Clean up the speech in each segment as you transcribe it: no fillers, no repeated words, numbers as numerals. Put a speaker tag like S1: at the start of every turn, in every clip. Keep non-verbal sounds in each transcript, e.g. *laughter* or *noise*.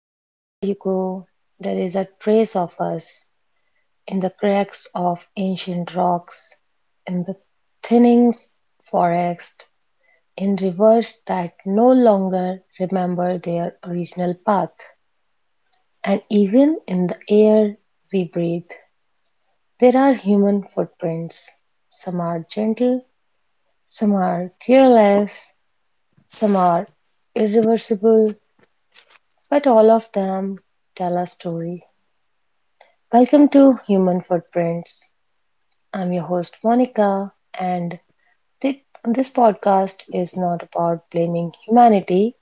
S1: Everywhere you go, there is a trace of us in the cracks of ancient rocks, in the thinnings forest, in rivers that no longer remember their original path, and even in the air we breathe. There are human footprints. Some are gentle, some are careless, some are irreversible, but all of them tell a story. Welcome to Human Footprints. I'm your host Monica, and this podcast is not about blaming humanity,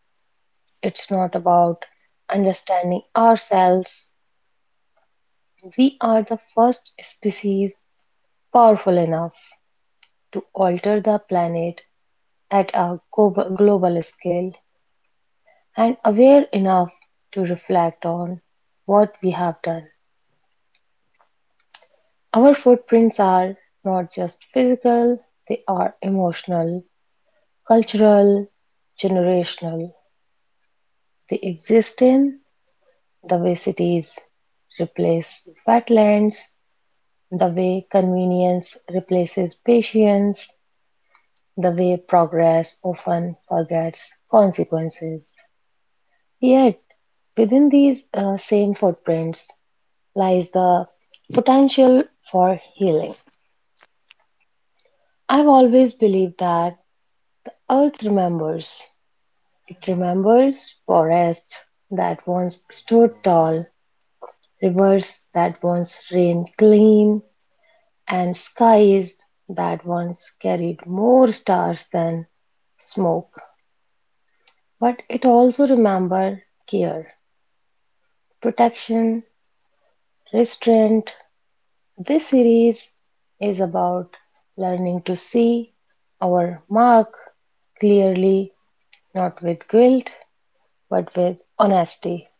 S1: it's not about understanding ourselves. We are the first species powerful enough to alter the planet at a global scale and aware enough to reflect on what we have done. Our footprints are not just physical, they are emotional, cultural, generational: they exist in the way cities replace wetlands, the way convenience replaces patience, the way progress often forgets consequences. Yet, within these same footprints lies the potential for healing. I've always believed that Earth remembers. It remembers forests that once stood tall, rivers that once rained clean, and skies that once carried more stars than smoke. But it also remembered care, protection, restraint. This series is about learning to see our mark clearly, not with guilt, but with honesty.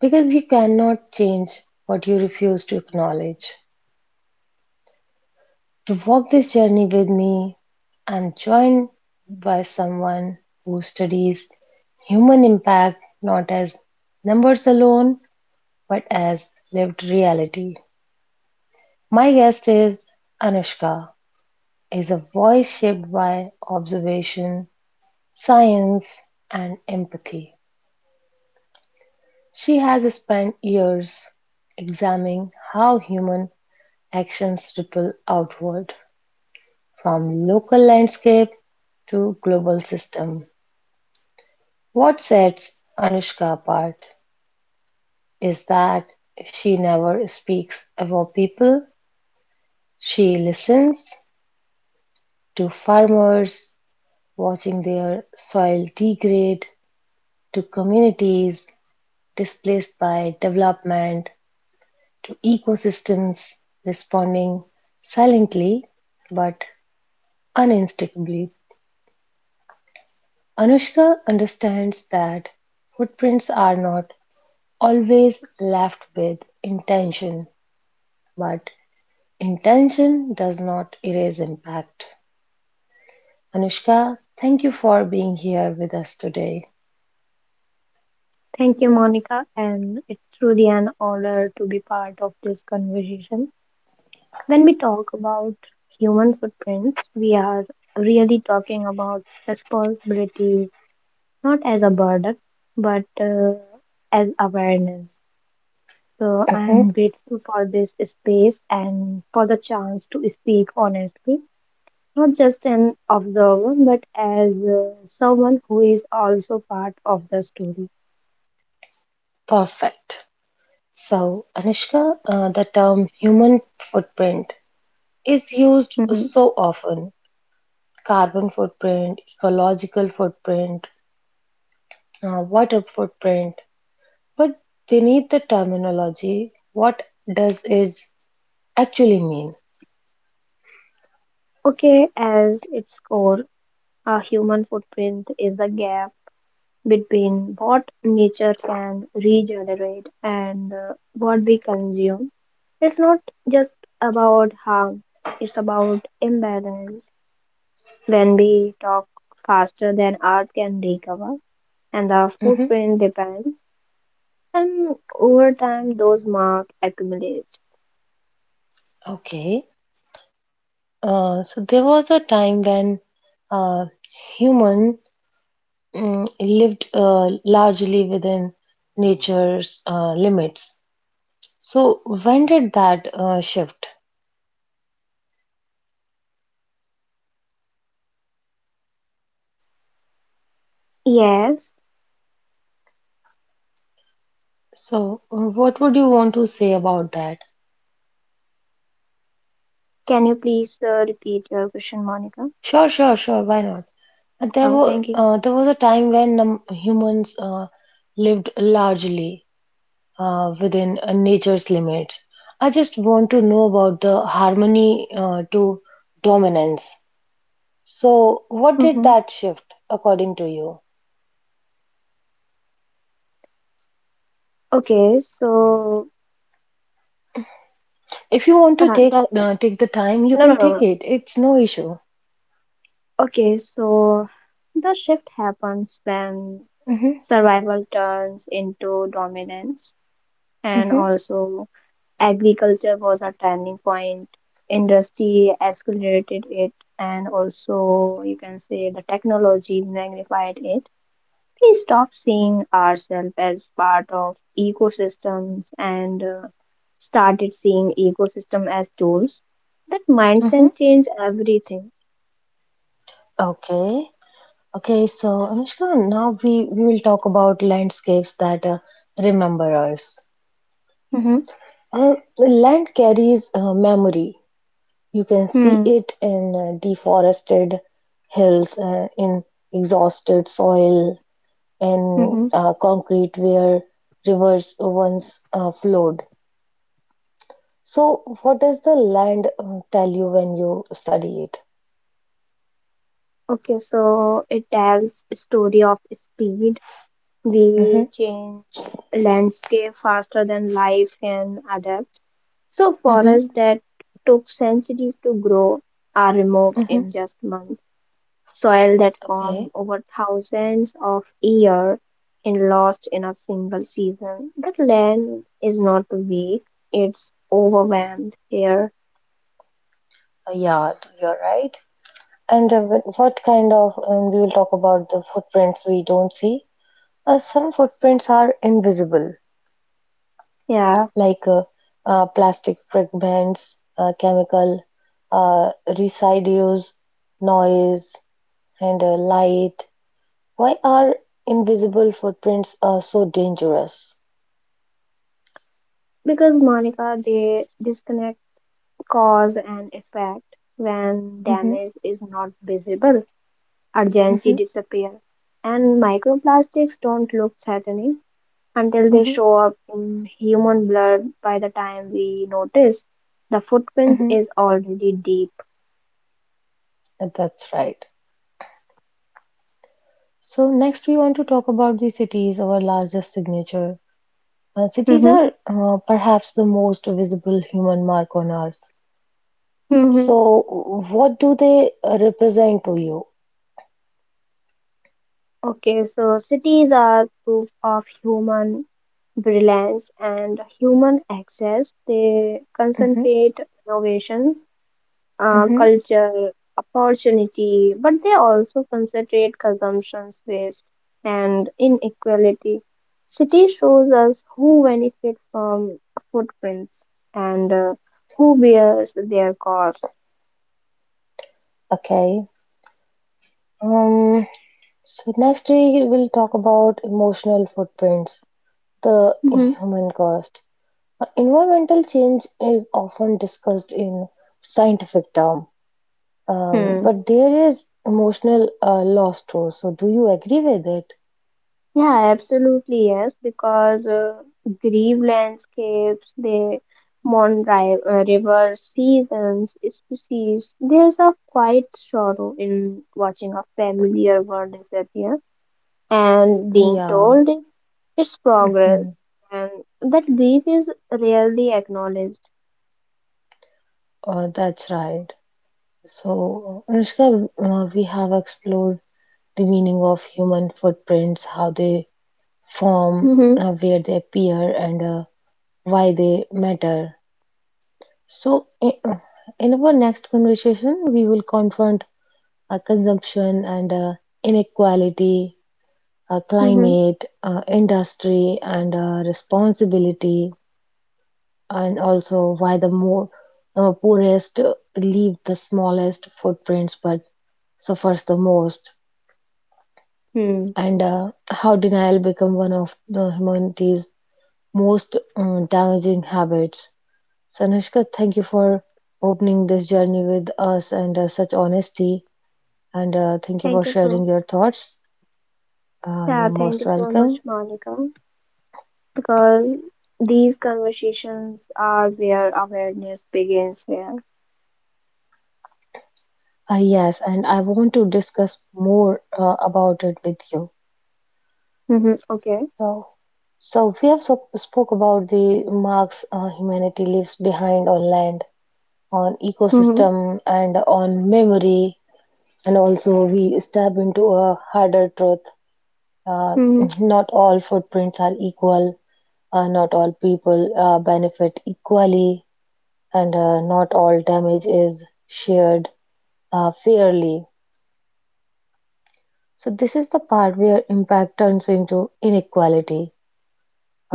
S1: Because you cannot change what you refuse to acknowledge. To walk this journey with me, I'm joined by someone who studies human impact not as numbers alone but as lived reality. My guest is Anushka, is a voice shaped by observation, science and empathy. She has spent years examining how human actions ripple outward from local landscape to global system. What sets Anushka apart is that she never speaks about people. She listens to farmers watching their soil degrade, to communities displaced by development, to ecosystems responding silently but uninstigably. Anushka understands that footprints are not always left with intention, but intention does not erase impact. Anushka, thank you for being here with us today.
S2: Thank you, Monica, and it's truly an honor to be part of this conversation. When we talk about human footprints, we are really talking about responsibilities, not as a burden, but as awareness. So
S1: Mhm.
S2: I'm grateful for this space and for the chance to speak honestly, not just an observer, but as someone who is also part of the story.
S1: Perfect. So, Anushka, the term human footprint is used
S2: Mhm.
S1: so often: carbon footprint, ecological footprint, water footprint. But beneath the terminology, what does it actually mean?
S2: Okay, as its core, our human footprint is the gap between what nature can regenerate and what we consume. It's not just about harm, it's about imbalance. When we talk faster than art can recover, and the
S1: Mhm.
S2: footprint depends, and over time those marks accumulate.
S1: Okay. So, there was a time when uh, human lived largely within nature's limits. So, when did that shift?
S2: Yes,
S1: So, what would you want to say about that?
S2: can you please repeat your question, Monica?
S1: Sure, sure, sure. Why not? Uh, There
S2: Oh,
S1: were
S2: thank you.
S1: uh, there was a time when humans lived largely within nature's limits. I just want to know about the harmony to dominance. So, what did
S2: Hmm
S1: that shift according to you?
S2: Okay, so
S1: If you want to
S2: that,
S1: take uh,
S2: no,
S1: take the time, you
S2: no, no,
S1: can take
S2: no.
S1: it. It's no issue.
S2: Okay, so the shift happens when
S1: Mm-hmm.
S2: survival turns into dominance, and
S1: Mm-hmm.
S2: also agriculture was a turning point. Industry accelerated it, and also you can say the technology magnified it. We stopped seeing ourselves as part of ecosystems and started seeing ecosystem as tools. That
S1: Mm-hmm.
S2: mindset changed everything.
S1: Okay. Okay. So Anushka, now we will talk about landscapes that remember us.
S2: Mm-hmm.
S1: Land carries memory. You can see
S2: Hmm.
S1: it in deforested hills, in exhausted soil, in
S2: Mm-hmm.
S1: concrete where rivers once flowed. So, what does the land tell you when you study it?
S2: Okay, so it tells a story of speed.
S1: Mm-hmm.
S2: We change landscape faster than life can adapt. So
S1: Mm-hmm.
S2: forests that took centuries to grow are removed
S1: Mm-hmm.
S2: in just months. Soil that
S1: Okay,
S2: formed over thousands of years and lost in a single season. That land is not weak, it's overwhelmed here.
S1: yeah, you're right. And what kind of, we will talk about the footprints we don't see. Some footprints are invisible,
S2: Yeah,
S1: like plastic fragments, chemical uh, residues, noise, and light. Why are invisible footprints so dangerous?
S2: because Monica, they disconnect cause and effect. When
S1: Mm-hmm.
S2: damage is not visible, urgency
S1: Mm-hmm.
S2: disappears, and microplastics don't look threatening until they show up in human blood. By the time we notice, the footprint
S1: Mm-hmm.
S2: is already deep.
S1: That's right. So, next, we want to talk about the cities, our largest signature. Cities
S2: hmm
S1: are perhaps the most visible human mark on Earth.
S2: hmm
S1: So, what do they represent to you?
S2: okay, so cities are proof of human brilliance and human access. They
S1: Hmm.
S2: concentrate innovations,
S1: Hmm.
S2: culture, opportunity, but they also concentrate consumption's waste and inequality. City shows us who benefits from footprints and who bears their cost.
S1: Okay. Um, so, next, we will talk about emotional footprints, the
S2: hmm
S1: human cost. Environmental change is often discussed in scientific terms.
S2: Hmm.
S1: But there is emotional loss too. So, do you agree with it?
S2: Yeah, absolutely yes, because grieve landscapes, they mourn ri rivers, seasons, species. There's a quiet sorrow in watching a familiar world disappear and being
S1: Yeah.
S2: told it's progress,
S1: Mhm.
S2: and that grief is rarely acknowledged.
S1: That's right. So, Anushka, we have explored the meaning of human footprints, how they form,
S2: Mm-hmm,
S1: where they appear, and why they matter. So, in our next conversation, we will confront consumption and inequality,
S2: mm-hmm,
S1: climate, industry, and responsibility. And also why the more poorest leave the smallest footprints but suffers the most,
S2: hmm.
S1: and how denial become one of the humanity's most damaging habits. So, Anushka, thank you for opening this journey with us and such honesty, and thank you for
S2: Thank you so.
S1: sharing your thoughts.
S2: Yeah,
S1: You're
S2: thank
S1: most
S2: you so much,
S1: welcome.
S2: Monica, because these conversations are where awareness begins. Where.
S1: Yes, and I want to discuss more about it with you.
S2: Mm-hmm, okay.
S1: So, so, we have so spoke about the marks humanity leaves behind on land, on
S2: Mm-hmm,
S1: ecosystem, and on memory, and also we stab into a harder truth. Uh,
S2: mm-hmm,
S1: *clears throat* Not all footprints are equal. Not all people benefit equally, and not all damage is shared fairly. So this is the part where impact turns into inequality.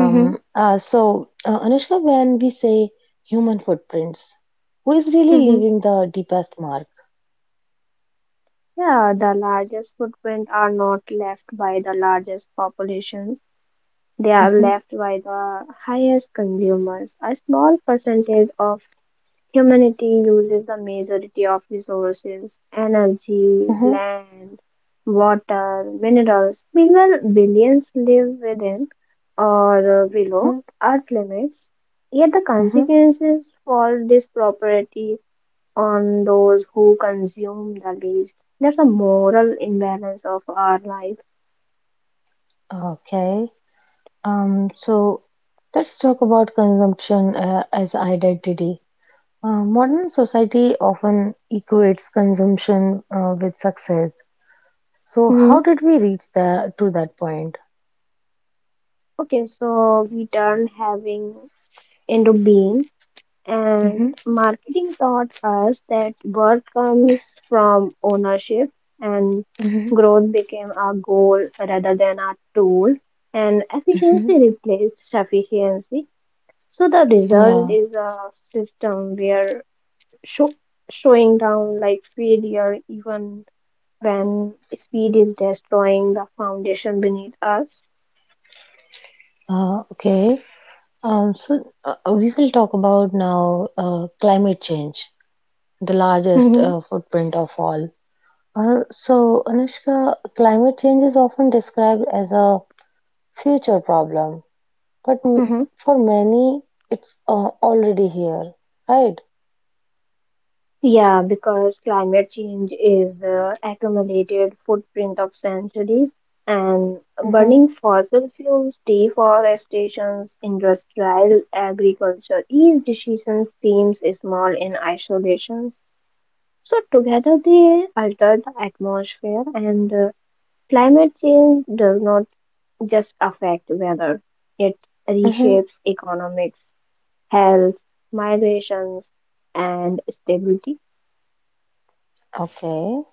S2: mm-hmm,
S1: uh, So, Anushka, when we say human footprints, who is really
S2: mm-hmm.
S1: leaving the deepest mark?
S2: Yeah, the largest footprints are not left by the largest populations. They are
S1: Mm-hmm.
S2: left by the highest consumers. A small percentage of humanity uses the majority of resources: energy,
S1: Mm-hmm.
S2: land, water, minerals. Meanwhile, billions live within or below
S1: Mm-hmm.
S2: Earth limits. Yet the
S1: Mm-hmm.
S2: consequences fall disproportionately on those who consume the least. That's a moral imbalance of our life.
S1: Okay. So, let's talk about consumption as identity. Modern society often equates consumption with success. So, how
S2: Hmm.
S1: did we reach that to that point?
S2: Okay, so we turn having into being. And
S1: Mm-hmm.
S2: marketing taught us that worth comes from ownership, and
S1: Mm-hmm.
S2: growth became our goal rather than our tool, and
S1: Mm-hmm.
S2: efficiency replaced sufficiency. So the result
S1: Yeah.
S2: is a system where sho- showing down like failure, even when speed is destroying the foundation beneath us.
S1: Okay. So we will talk about now climate change, the largest
S2: hmm
S1: footprint of all. So, Anushka, climate change is often described as a future problem, but
S2: hmm
S1: for many, it's already here, right?
S2: Yeah, because climate change is accumulated footprint of centuries, and
S1: Mm-hmm.
S2: burning fossil fuels, deforestations, industrial agriculture. Each decision seems small in isolation, so together they alter the atmosphere. And climate change does not just affect weather, it
S1: Mm-hmm.
S2: reshapes economics, health, migrations, and stability.
S1: Okay.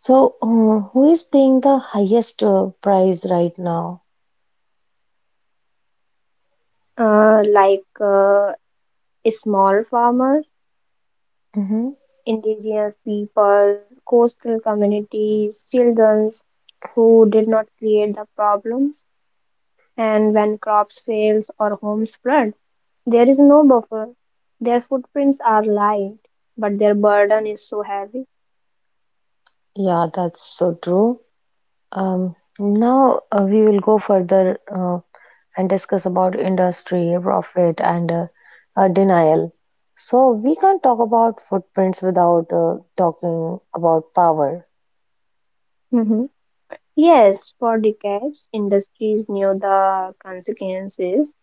S1: So, who is paying the highest price right now?
S2: Like small farmers,
S1: Mm-hmm.
S2: indigenous people, coastal communities, children who did not create the problems, and when crops fails or homes flood, there is no buffer. Their footprints are light, but their burden is so heavy.
S1: Yeah, that's so true. Now we will go further. And discuss about industry, profit, and denial. So we can't talk about footprints without talking about power.
S2: Mhm. Yes, for decades, industries knew the consequences,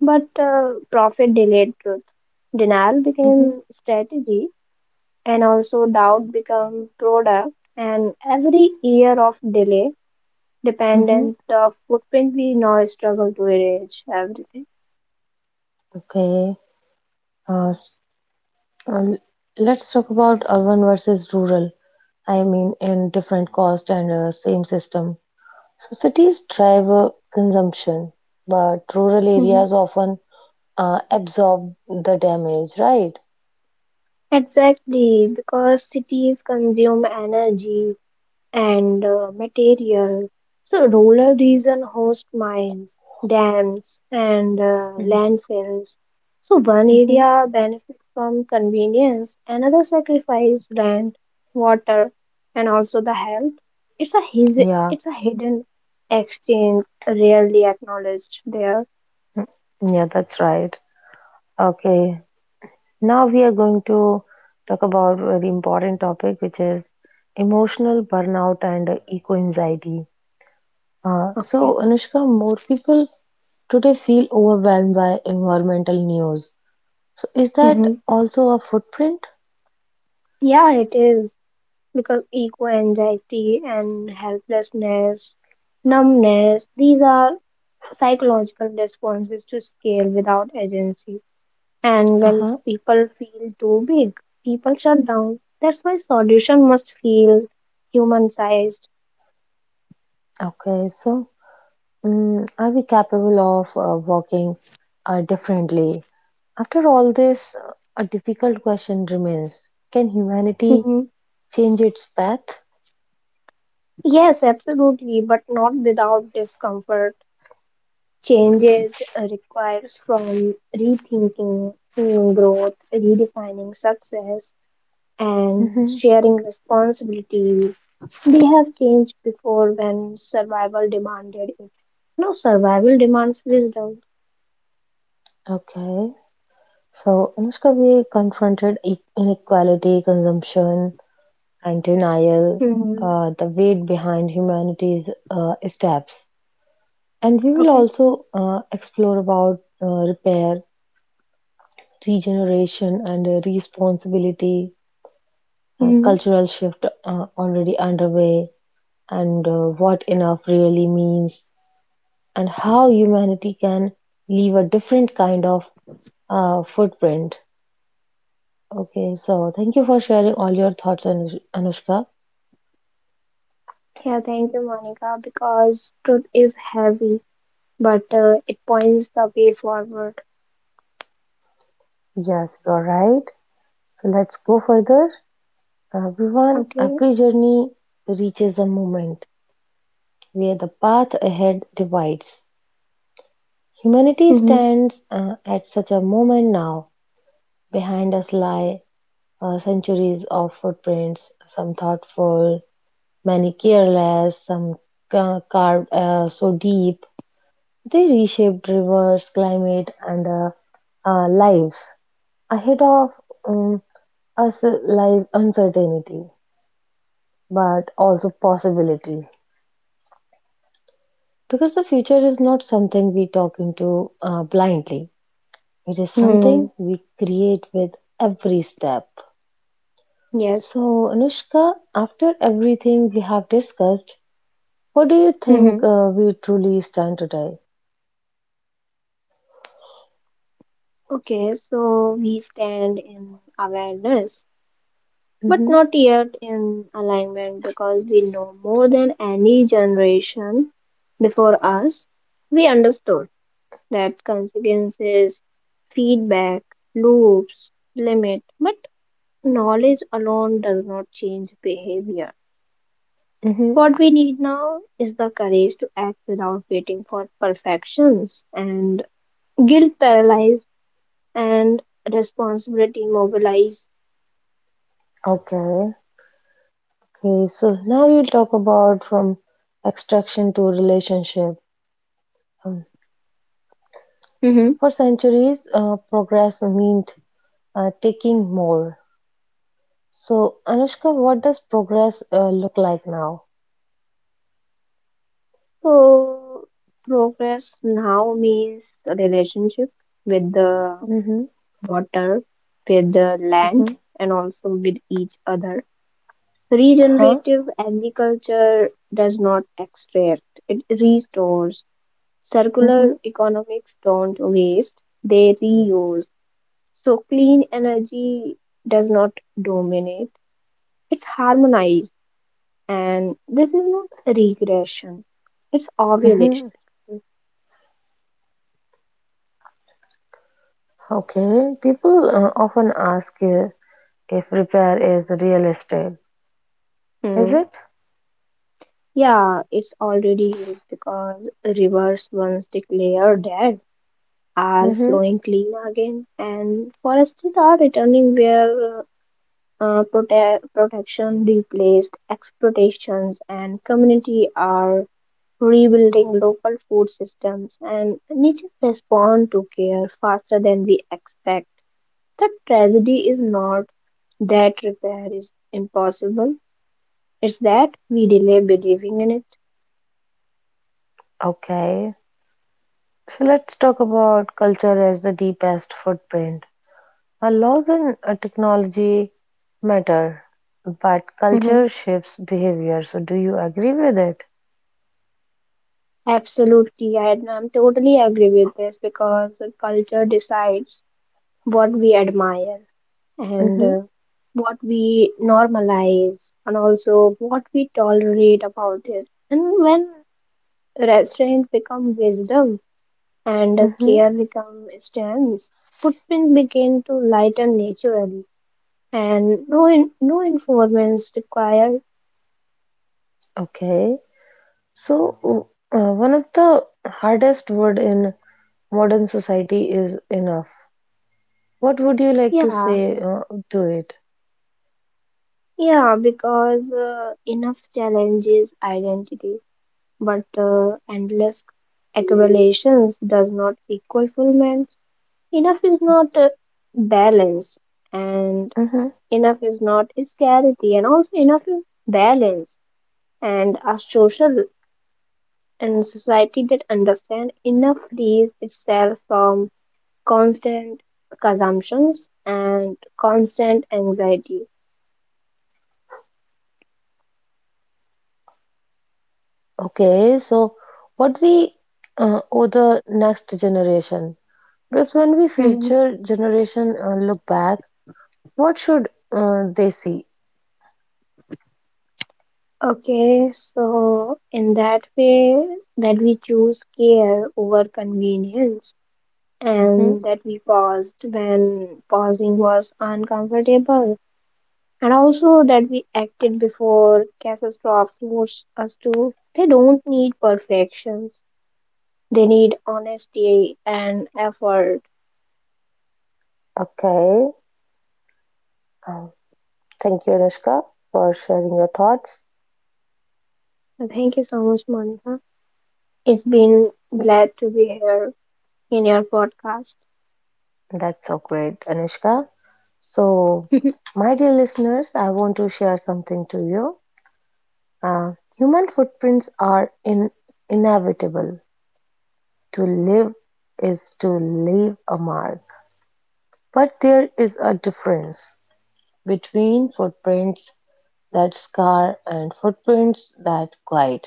S2: but profit delayed truth. Denial
S1: Mm-hmm.
S2: became strategy, and also doubt become product, and every year of delay
S1: Mm-hmm.
S2: dependent of footprint we now struggle to erase everything.
S1: Okay, uh, s- uh, l- let's talk about urban versus rural. I mean, in different cost and same system. So cities drive consumption, but rural
S2: Mhm.
S1: areas often absorb the damage, right?
S2: Exactly, because cities consume energy and material. So, rural region host mines, dams, and
S1: Mm-hmm.
S2: landfills. So, one
S1: Mm-hmm.
S2: area benefits from convenience, another sacrifice land, water, and also the health. It's a his-
S1: Yeah,
S2: it's a hidden exchange, rarely acknowledged there.
S1: yeah, that's right. Okay. Now we are going to talk about a very important topic, which is emotional burnout and eco-anxiety. So,
S2: Okay.
S1: Anushka, more people today feel overwhelmed by environmental news. So, is that
S2: hmm
S1: also a footprint?
S2: Yeah, it is, because eco anxiety and helplessness, numbness. These are psychological response is to scale without agency. And when
S1: Uh-huh.
S2: people feel too big, people shut down. That's why solution must feel human sized.
S1: Okay, so are we capable of walking differently? After all this, a difficult question remains. Can humanity
S2: Mhm.
S1: change its path?
S2: Yes, absolutely, but not without discomfort. Changes requires from rethinking, seeing growth, redefining success, and
S1: Hmm.
S2: sharing responsibility. They have changed before when survival demanded it. No, survival demands wisdom.
S1: Okay. So Anushka, we confronted inequality, consumption, and denial,
S2: hmm
S1: the weight behind humanity's steps, and we will
S2: Okay.
S1: also explore about repair, regeneration, and responsibility,
S2: hmm
S1: cultural shift already underway, and what enough really means, and how humanity can leave a different kind of footprint. Okay, so thank you for sharing all your thoughts, Anushka.
S2: Yeah, thank you, Monica, because truth is heavy, but it points the way forward.
S1: Yes, you're right. So let's go further. Everyone,
S2: Okay.
S1: every journey reaches a moment where the path ahead divides. Humanity
S2: hmm
S1: stands at such a moment now. Behind us lie centuries of footprints, some thoughtful, many careless, some carved so deep they reshaped rivers, climate, and lives. Ahead of um, us lies uncertainty, but also possibility. Because the future is not something we talk into blindly, it is something
S2: hmm
S1: we create with every step.
S2: Yes.
S1: So, Anushka, after everything we have discussed, what do you think
S2: hmm
S1: we truly stand today?
S2: Okay, so we stand in awareness, but
S1: Mm-hmm.
S2: not yet in alignment, because we know more than any generation before us. We understood that consequences, feedback, loops, limit, but knowledge alone does not change behavior.
S1: Mm-hmm.
S2: What we need now is the courage to act without waiting for perfections, and guilt paralyzed and responsibility mobilized.
S1: Okay. Okay. So now we'll talk about from extraction to relationship. Um,
S2: Mhm.
S1: for centuries, progress meant taking more. So, Anushka, what does progress look like now?
S2: So progress now means a relationship with the
S1: Mm-hmm.
S2: water, with the land,
S1: Mm-hmm.
S2: and also with each other.
S1: Huh?
S2: Regenerative agriculture does not extract, it restores.
S1: Mm-hmm.
S2: Circular economics don't waste, they reuse. So clean energy does not dominate, it's harmonized. And this is not regression, it's ovulation.
S1: Hmm. Okay. People often ask if repair is real estate. Is
S2: Hmm.
S1: it?
S2: Yeah, it's already is, because rivers once declared dead are
S1: Mm-hmm.
S2: flowing clean again, and forests are returning where protection replaced exploitations, and community are rebuilding local food systems, and nature respond to care faster than we expect. The tragedy is not that repair is impossible; it's that we delay believing in it.
S1: Okay. So let's talk about culture as the deepest footprint. Our laws and technology matter, but
S2: *laughs*
S1: culture shapes behavior. So do you agree with it?
S2: Absolutely, I'm totally agree with this, because the culture decides what we admire and
S1: Mm-hmm.
S2: what we normalize, and also what we tolerate about it. And when restraint become wisdom and
S1: Mm-hmm.
S2: care become strength, footprints begin to lighten naturally, and no informants required.
S1: Okay. So, one of the hardest word in modern society is enough. What would you like to
S2: Yeah,
S1: say to it?
S2: yeah, because enough challenges identity. But endless accumulations does not equal fulfillment. Enough is not balance, and
S1: Hmm.
S2: enough is not scarcity, and also enough is balance. And a social and society that understand enough frees itself from constant consumptions and constant anxiety.
S1: Okay, so what we owe the next generation? Because when we
S2: Mhm.
S1: future generation look back, what should they see?
S2: Okay, so in that way that we choose care over convenience,
S1: Hmm.
S2: and that we paused when pausing was uncomfortable, and also that we acted before catastrophe forced us to. They don't need perfections, they need honesty and effort.
S1: Okay, um, thank you, Anushka, for sharing your thoughts.
S2: And thank you so much, Monica. It's been glad to be here in your podcast.
S1: That's so great, Anushka. So,
S2: *laughs*
S1: my dear listeners, I want to share something to you. Uh, Human footprints are inevitable. To live is to leave a mark. But there is a difference between footprints that scar and footprints that guide.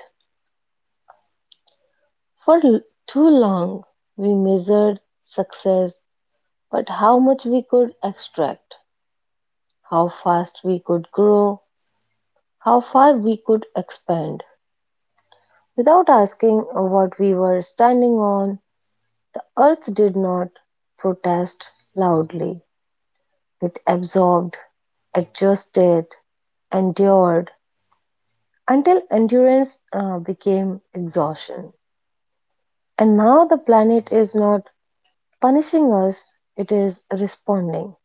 S1: For too long, we measured success, but how much we could extract, how fast we could grow, how far we could expand. Without asking what we were standing on, the earth did not protest loudly. It absorbed, adjusted, endured until endurance became exhaustion. And now the planet is not punishing us, it is responding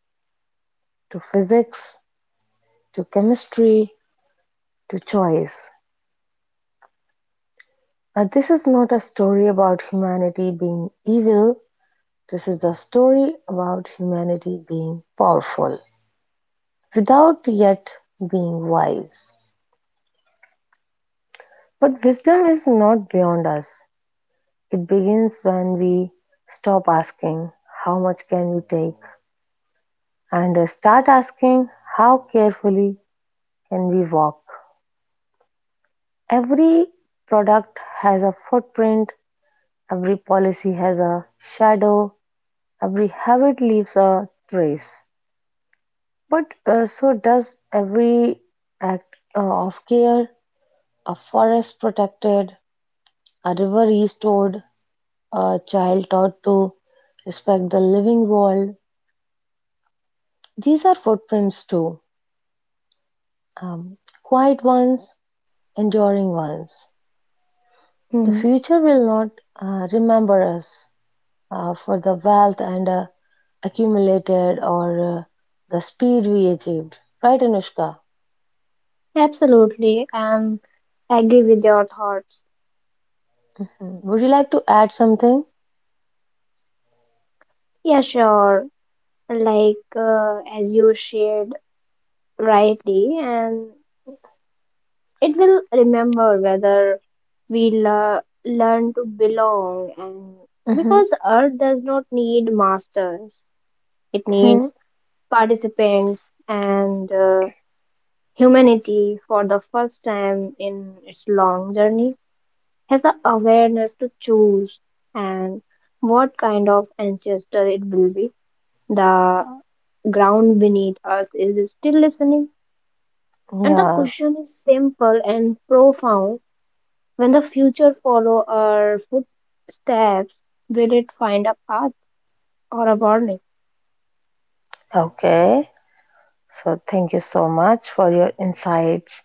S1: to physics, to chemistry, to choice. This is not a story about humanity being evil. This is a story about humanity being powerful without yet being wise. But wisdom is not beyond us. It begins when we stop asking, "How much can we take?" and start asking, "How carefully can we walk?" Every product has a footprint, every policy has a shadow, every habit leaves a trace. But so does every act of care: a forest protected, a river restored, a child taught to respect the living world. These are footprints too, um, quiet ones, enduring ones. The
S2: Mhm.
S1: future will not remember us for the wealth and accumulated or the speed we achieved. Right, Anushka?
S2: Absolutely. Um, I agree with your thoughts.
S1: Mm. Would you like to add something?
S2: Yeah, sure. Like as you shared rightly. And it will remember whether we learn to belong, and
S1: Mhm.
S2: because art does not need masters, it
S1: Hmm.
S2: needs participants. And humanity, for the first time in its long journey, has the awareness to choose and what kind of ancestor it will be. The ground beneath us is still listening, and the
S1: Yeah.
S2: question is simple and profound. When the future follow our footsteps, will it find a path or a warning?
S1: Okay, so thank you so much for your insights,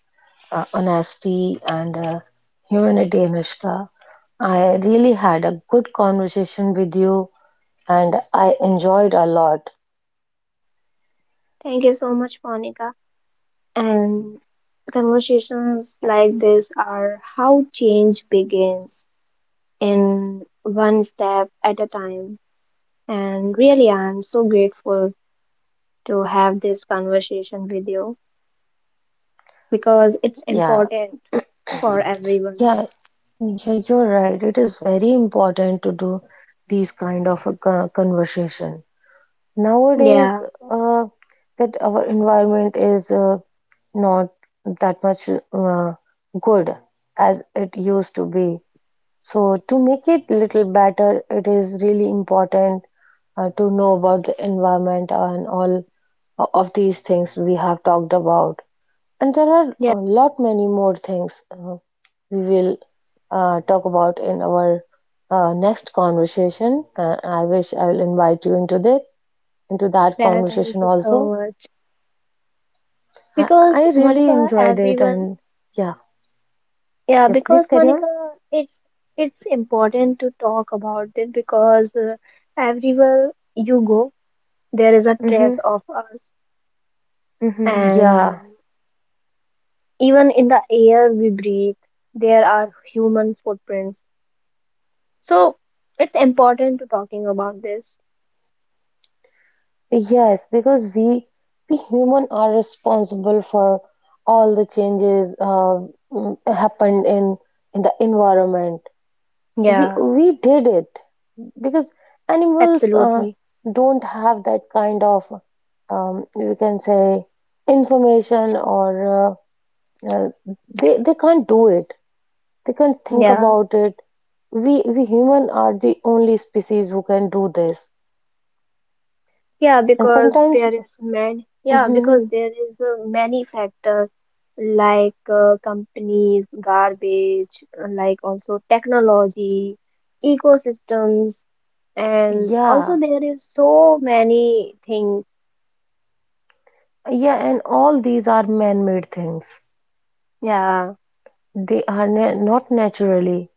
S1: honesty, and humanity, Anushka. I really had a good conversation with you, and I enjoyed a lot.
S2: Thank you so much, Monica. And conversations like this are how change begins, in one step at a time. And really, I'm so grateful to have this conversation with you because it's
S1: Yeah,
S2: important for everyone.
S1: yeah, yeah. You're right. It is very important to do these kind of a conversation nowadays.
S2: Yeah,
S1: Uh, that our environment is not that much good as it used to be. So to make it little better, it is really important to know about the environment and all of these things we have talked about. And there are
S2: yeah,
S1: a lot many more things we will talk about in our next conversation. I wish I will invite you into that
S2: yeah. Thank
S1: conversation
S2: you so
S1: also.
S2: much.
S1: I,
S2: Because
S1: I really
S2: Monica,
S1: enjoyed it,
S2: everyone.
S1: and yeah,
S2: Yeah,
S1: yeah, please
S2: because
S1: carry on.
S2: Monica, it's it's important to talk about it, because everywhere you go, there is a
S1: Mm-hmm.
S2: trace of us,
S1: Mm-hmm.
S2: and
S1: Yeah.
S2: even in the air we breathe, there are human footprints. So it's important to talking about this.
S1: Yes, because we human are responsible for all the changes happened in the environment. We
S2: Yeah,
S1: we did it because animals
S2: absolutely.
S1: don't have that kind of, we can say, information or uh, they can't do it. They can't think
S2: Yeah.
S1: about it. We human are the only species who can do this.
S2: Yeah,
S1: And
S2: because
S1: sometimes,
S2: there is man. Yeah, because there is many factors like companies, garbage, like also technology, ecosystems,
S1: *laughs*
S2: and also
S1: yeah.
S2: there is so many things.
S1: Yeah, and all these are man-made things.
S2: Yeah.
S1: They are na not naturally,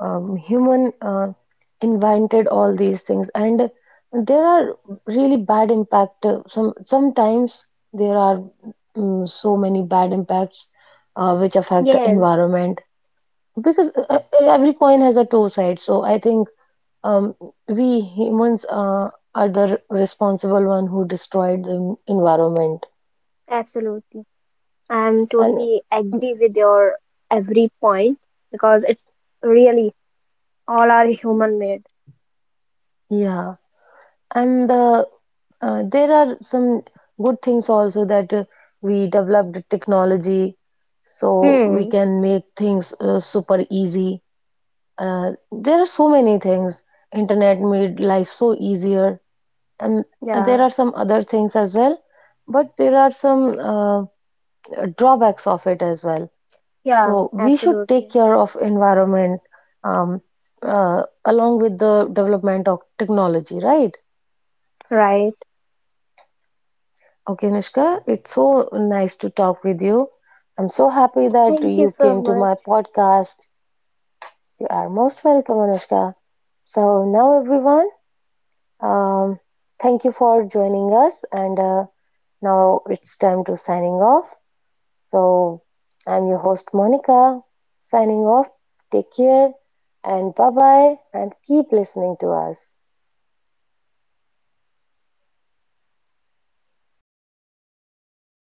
S1: human invented all these things, and there are really bad impact. Sometimes there are so many bad impacts which affect the
S2: Yes,
S1: environment, because every coin has a two sides. So I think, um, we humans are the responsible one who destroyed the environment,
S2: absolutely. I'm
S1: and
S2: totally agree with your every point, because it's really all are human made.
S1: yeah. And there are some good things also, that we developed technology so we
S2: Hmm.
S1: can make things super easy. There are so many things. Internet made life so easier, and there
S2: Yeah.
S1: are some other things as well, but there are some drawbacks of it as well.
S2: Yeah.
S1: So we should take
S2: Absolutely.
S1: care of environment um, along with the development of technology, right?
S2: Right.
S1: Okay, Nishka, it's so nice to talk with you. I'm so happy that
S2: Thank you
S1: you
S2: so
S1: came to
S2: much.
S1: my podcast. You are most welcome, Anushka. So, now everyone, um, thank you for joining us. And now it's time to signing off. So, I'm your host, Monica, signing off. Take care and bye bye, and keep listening to us.